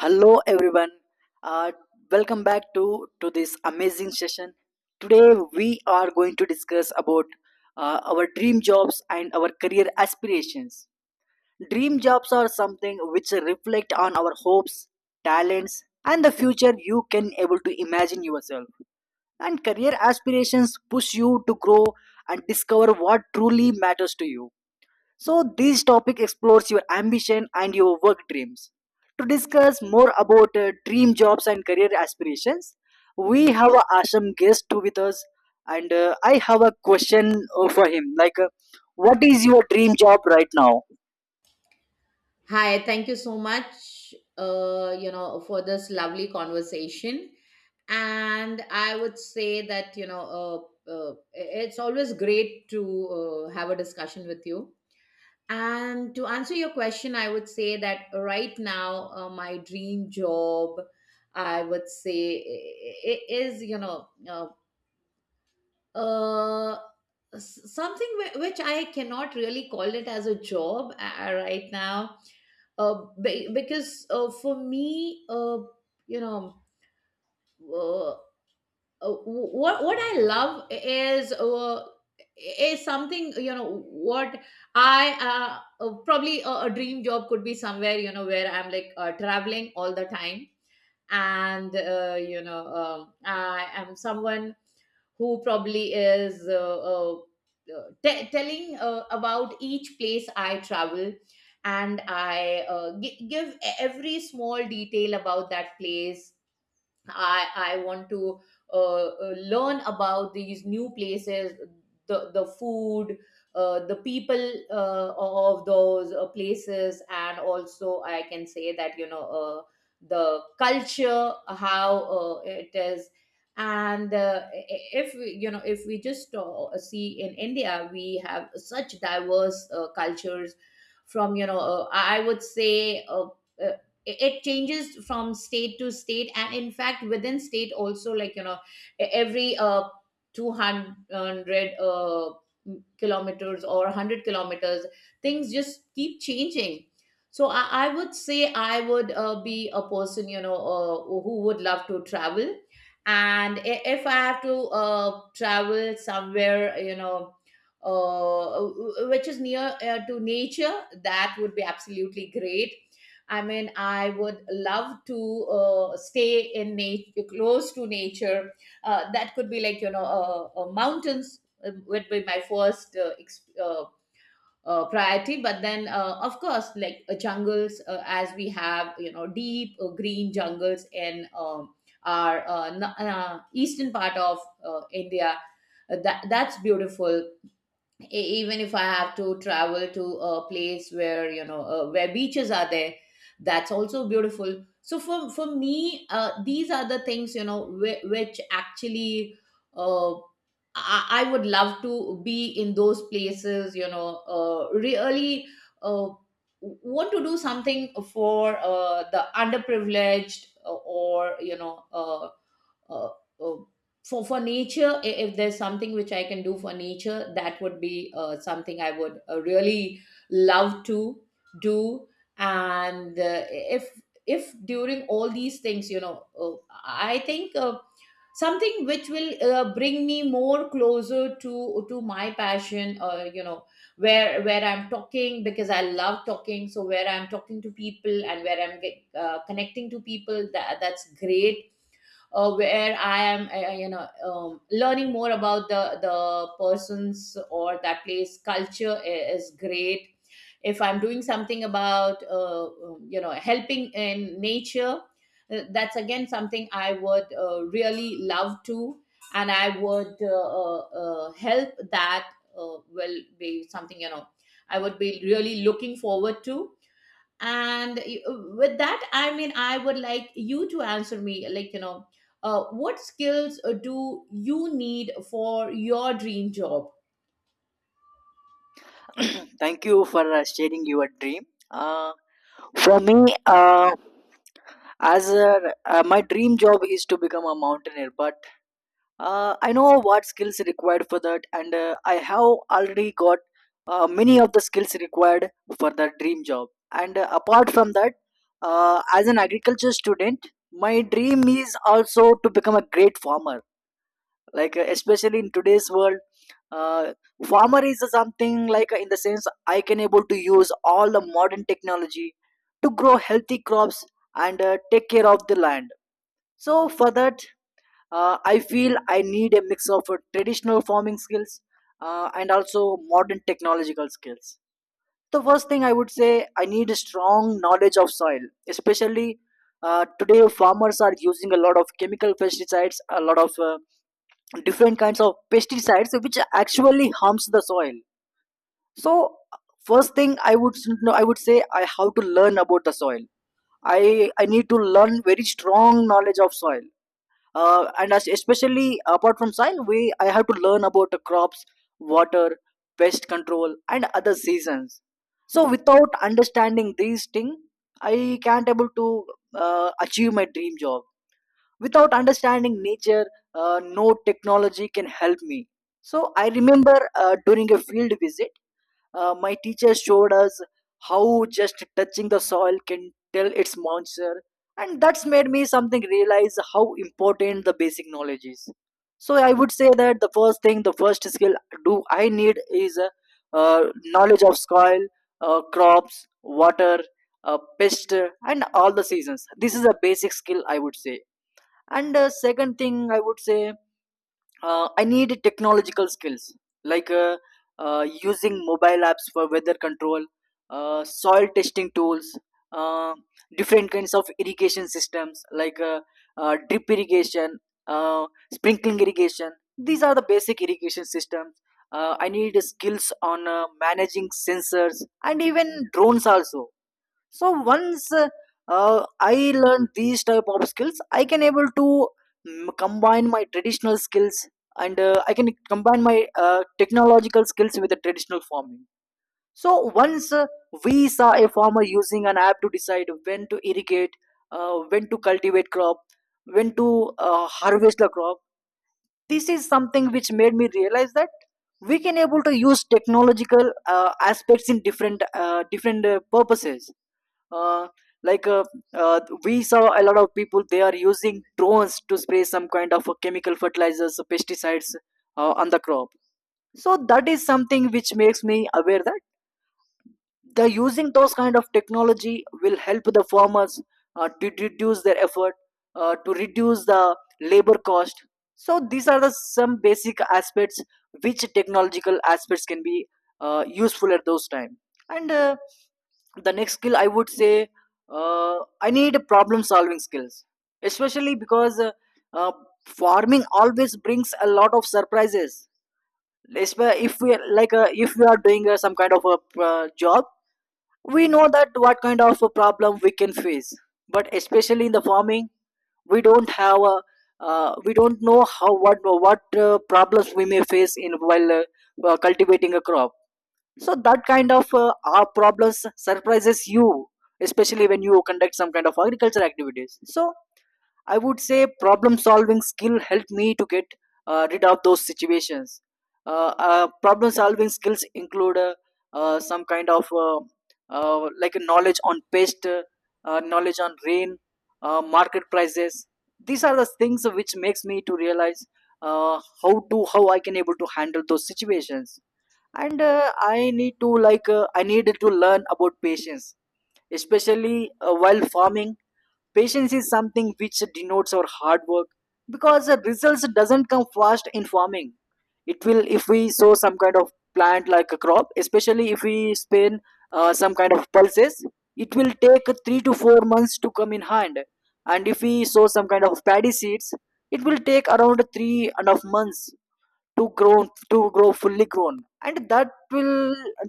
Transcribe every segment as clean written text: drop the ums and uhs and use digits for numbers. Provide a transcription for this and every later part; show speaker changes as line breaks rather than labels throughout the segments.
Hello everyone. Uh, Welcome back to this amazing session. Today we are going to discuss about our dream jobs and our career aspirations. Dream jobs are something which reflect on our hopes, talents, and the future you can able to imagine yourself. And career aspirations push you to grow and discover what truly matters to you. So this topic explores your ambition and your work dreams. To discuss more about dream jobs and career aspirations, we have a Asham guest too with us, and I have a question for him. What is your dream job right now?
Hi, thank you so much, for this lovely conversation. And I would say that, it's always great to have a discussion with you. And to answer your question, I would say that right now, my dream job, I would say, is, uh something which I cannot really call it as a job right now, because for me, you know uh, what I love is, is something. You know what, I probably a dream job could be somewhere, you know, where I'm like traveling all the time. And I am someone who probably is, telling about each place I travel, and i, give every small detail about that place. I want to uh, learn about these new places, the food, the people of those places, and also I can say that, the culture, how it is. And if we, you know, if we just see in India, we have such diverse cultures. From, you know, I would say, uh, it changes from state to state, and in fact within state also, like, you know, every 200 kilometers or 100 kilometers things just keep changing. So I would say I would be a person, you know, who would love to travel. And if I have to travel somewhere, you know, which is near to nature, that would be absolutely great. I mean, I would love to stay in nature, close to nature. That could be like, you know, mountains would be my first priority. But then, of course, like, jungles, as we have, you know, deep, green jungles in our eastern part of, India. That's beautiful. Even if I have to travel to a place where, you know, where beaches are there, that's also beautiful. So for me, these are the things, you know, which actually, uh, I would love to be in those places, you know, really uh, want to do something for, the underprivileged, or, uh, uh, for nature. If there's something which I can do for nature, that would be something I would really love to do. And if if during all these things, I think, something which will bring me more closer to my passion, you know, where I'm talking, because I love talking. So where I'm talking to people and where I'm connecting to people, that's great. Where I am, learning more about the person's or that place culture is great. If I'm doing something about, you know, helping in nature, that's again something I would really love to. And I would, help, that will be something, you know, I would be really looking forward to. And you, with that I mean I would like you to answer me, like, you know, what skills do you need for your dream job?
Thank you for sharing your dream. Uh, for me, my dream job is to become a mountaineer, but I know what skills required for that, and I have already got many of the skills required for the dream job. And apart from that, as an agriculture student, my dream is also to become a great farmer. Especially in today's world, uh, farmer is something like in the sense I can able to use all the modern technology to grow healthy crops and take care of the land. So for that I feel I need a mix of traditional farming skills and also modern technological skills. The first thing I would say I need a strong knowledge of soil, especially today farmers are using a lot of chemical pesticides, a lot of different kinds of pesticides which actually harms the soil. So first thing I would say I have to learn about the soil. I i need to learn very strong knowledge of soil, and as especially apart from soil we I have to learn about the crops, water, pest control and other seasons. So without understanding these things I can't able to achieve my dream job. Without understanding nature, no technology can help me. So I remember, during a field visit, my teacher showed us how just touching the soil can tell its moisture, and that's made me something realize how important the basic knowledge is. So I would say that the first thing, the first skill do I need is knowledge of soil, crops, water, pest, and all the seasons. This is a basic skill I would say. And second thing I would say I need technological skills like using mobile apps for weather control, soil testing tools, uh, different kinds of irrigation systems like drip irrigation, uh, sprinkling irrigation. These are the basic irrigation systems. I need skills on managing sensors and even drones also. So once I learned these type of skills I can able to combine my traditional skills, and I can combine my technological skills with the traditional farming. So once, we saw a farmer using an app to decide when to irrigate, when to cultivate crop, when to harvest the crop. This is something which made me realize that we can able to use technological aspects in different purposes. uh, like uh, we saw a lot of people they are using drones to spray some kind of chemical fertilizers, pesticides on the crop. So that is something which makes me aware that the using those kind of technology will help the farmers to reduce their effort, to reduce the labor cost. So these are the some basic aspects which technological aspects can be useful at those time. And the next skill I would say, uh, I need problem solving skills, especially because uh, farming always brings a lot of surprises. If we like if we are doing some kind of a job, we know that what kind of a problem we can face, but especially in the farming, we don't have a we don't know how what what problems we may face in while cultivating a crop. So that kind of our problems surprises you, especially when you conduct some kind of agriculture activities. So I would say problem solving skill helped me to get rid of those situations. Problem solving skills include some kind of like a knowledge on pest, knowledge on rain, market prices. These are the things which makes me to realize how to how I can able to handle those situations. And I need to like I needed to learn about patience, especially while farming. Patience is something which denotes our hard work because the results doesn't come fast in farming. It will if we sow some kind of plant like a crop, especially if we spin some kind of pulses, it will take 3 to 4 months to come in hand. And if we sow some kind of paddy seeds, it will take around three and a half months to grow fully grown, and that will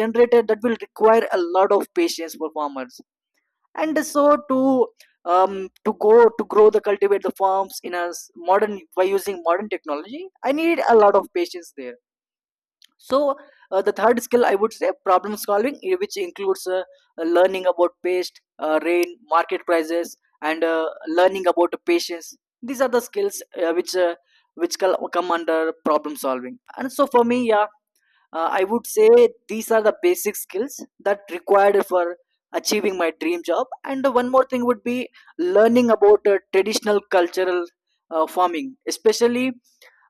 that will require a lot of patience for farmers. And so to go to grow the cultivate the farms in a s- modern by using modern technology I need a lot of patience there. So the third skill I would say problem solving, which includes learning about pest, rain, market prices and learning about patience. These are the skills which come under problem solving. And so for me, yeah, I would say these are the basic skills that required for achieving my dream job. And one more thing would be learning about traditional cultural farming especially.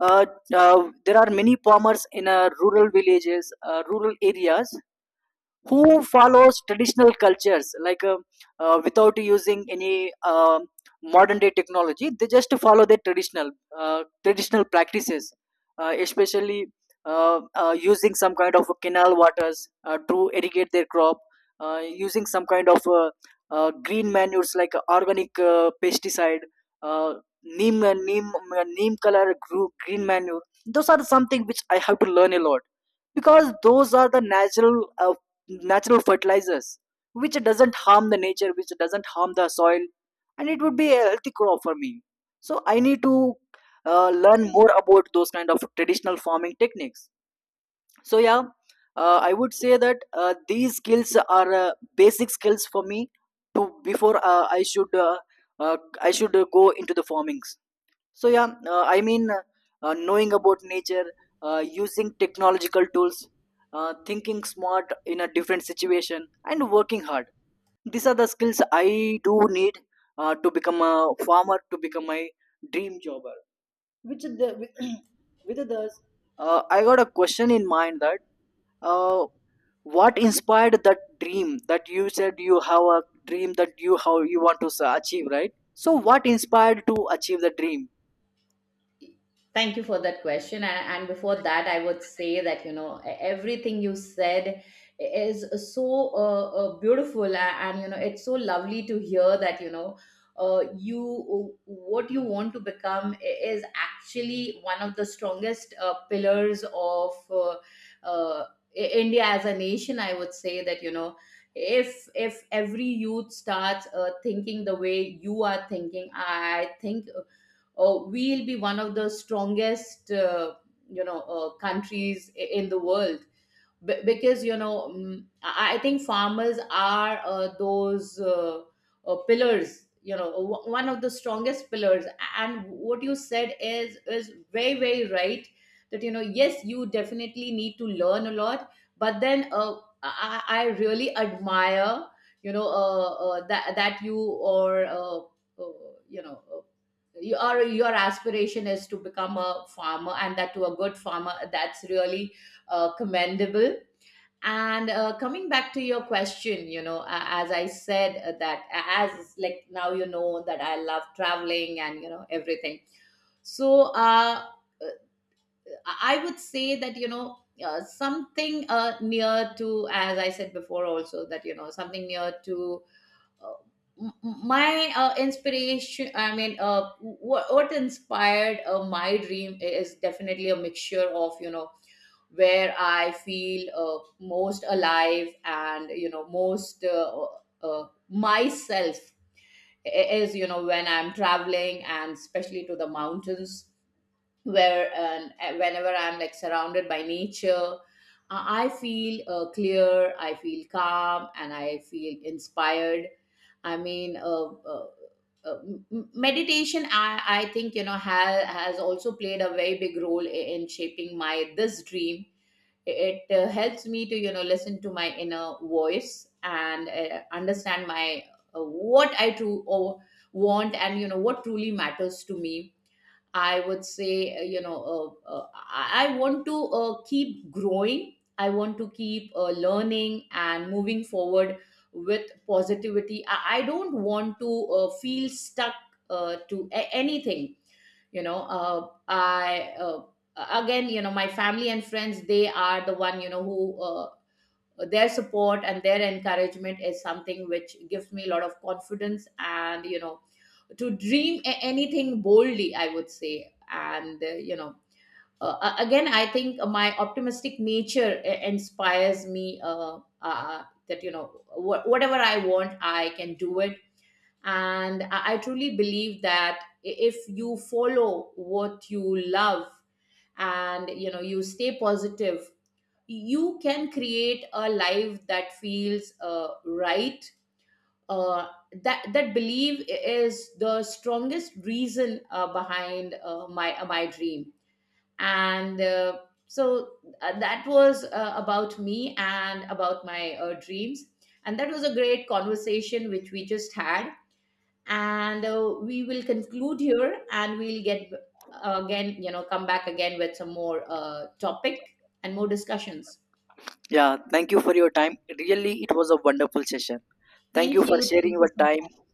uh, there are many farmers in rural villages, rural areas who follows traditional cultures like without using any um modern day technology. They just follow their traditional traditional practices, especially using some kind of canal waters to irrigate their crop, uh, using some kind of green manures like organic pesticide, uh, neem, neem neem color green manure. Those are something which I have to learn a lot because those are the natural natural fertilizers which doesn't harm the nature, which doesn't harm the soil, and it would be a healthy crop for me. So I need to learn more about those kind of traditional farming techniques. So yeah, I would say that these skills are basic skills for me to before uh, I should go into the farmings. So yeah, I mean, knowing about nature, using technological tools, thinking smart in a different situation, and working hard. These are the skills I do need to become a farmer, to become my dream jobber. Which is the with others, I got a question in mind that uh, what inspired that dream that you said you have a dream that you how you want to achieve, right? So what inspired to achieve the dream?
Thank you for that question. And before that, I would say that, you know, everything you said is so beautiful. And, you know, it's so lovely to hear that, you know, you what you want to become is actually one of the strongest pillars of, uh, India as a nation. I would say that, you know, if every youth starts thinking the way you are thinking, I think we'll be one of the strongest, countries in the world. Because, you know, I think farmers are, those, pillars, you know, one of the strongest pillars. And what you said is very, very right. That, you know, yes, you definitely need to learn a lot. But then, I really admire, you know, that you, or, uh, you know uh, your aspiration is to become a farmer, and that to a good farmer. That's really commendable. And coming back to your question, you know, as I said, that as like now, you know, that I love traveling and, you know, everything. So, I would say that, you know, something near to, as I said before, also that, you know, something near to, uh, my inspiration. I mean, what inspired my dream is definitely a mixture of, you know, where I feel most alive and, you know, most myself, is, you know, when I'm traveling, and especially to the mountains, where and, whenever I'm, like, surrounded by nature. I feel clear, I feel calm, and I feel inspired. I mean, uh, uh, m- meditation, I think, you know, has also played a very big role in shaping my this dream. It helps me to, you know, listen to my inner voice and understand my, what I true or want, and you know what truly matters to me. I would say, I want to keep growing. I want to keep learning and moving forward with positivity. I don't want to feel stuck to anything, you know. I Again, you know, my family and friends, they are the one, you know, who, their support and their encouragement is something which gives me a lot of confidence. And, you know, to dream anything boldly, I would say. And, again, I think my optimistic nature inspires me, that, you know, whatever I want, I can do it. And I truly believe that, if you follow what you love, and, you know, you stay positive, you can create a life that feels right. uh, that belief is the strongest reason behind my dream. And, so, that was about me and about my dreams. And that was a great conversation which we just had. And we will conclude here, and we'll get again, you know, come back again with some more topic and more discussions.
Yeah, thank you for your time. Really, it was a wonderful session. Thank
thank
you for
you
sharing
thank you,
your
so
time.
much.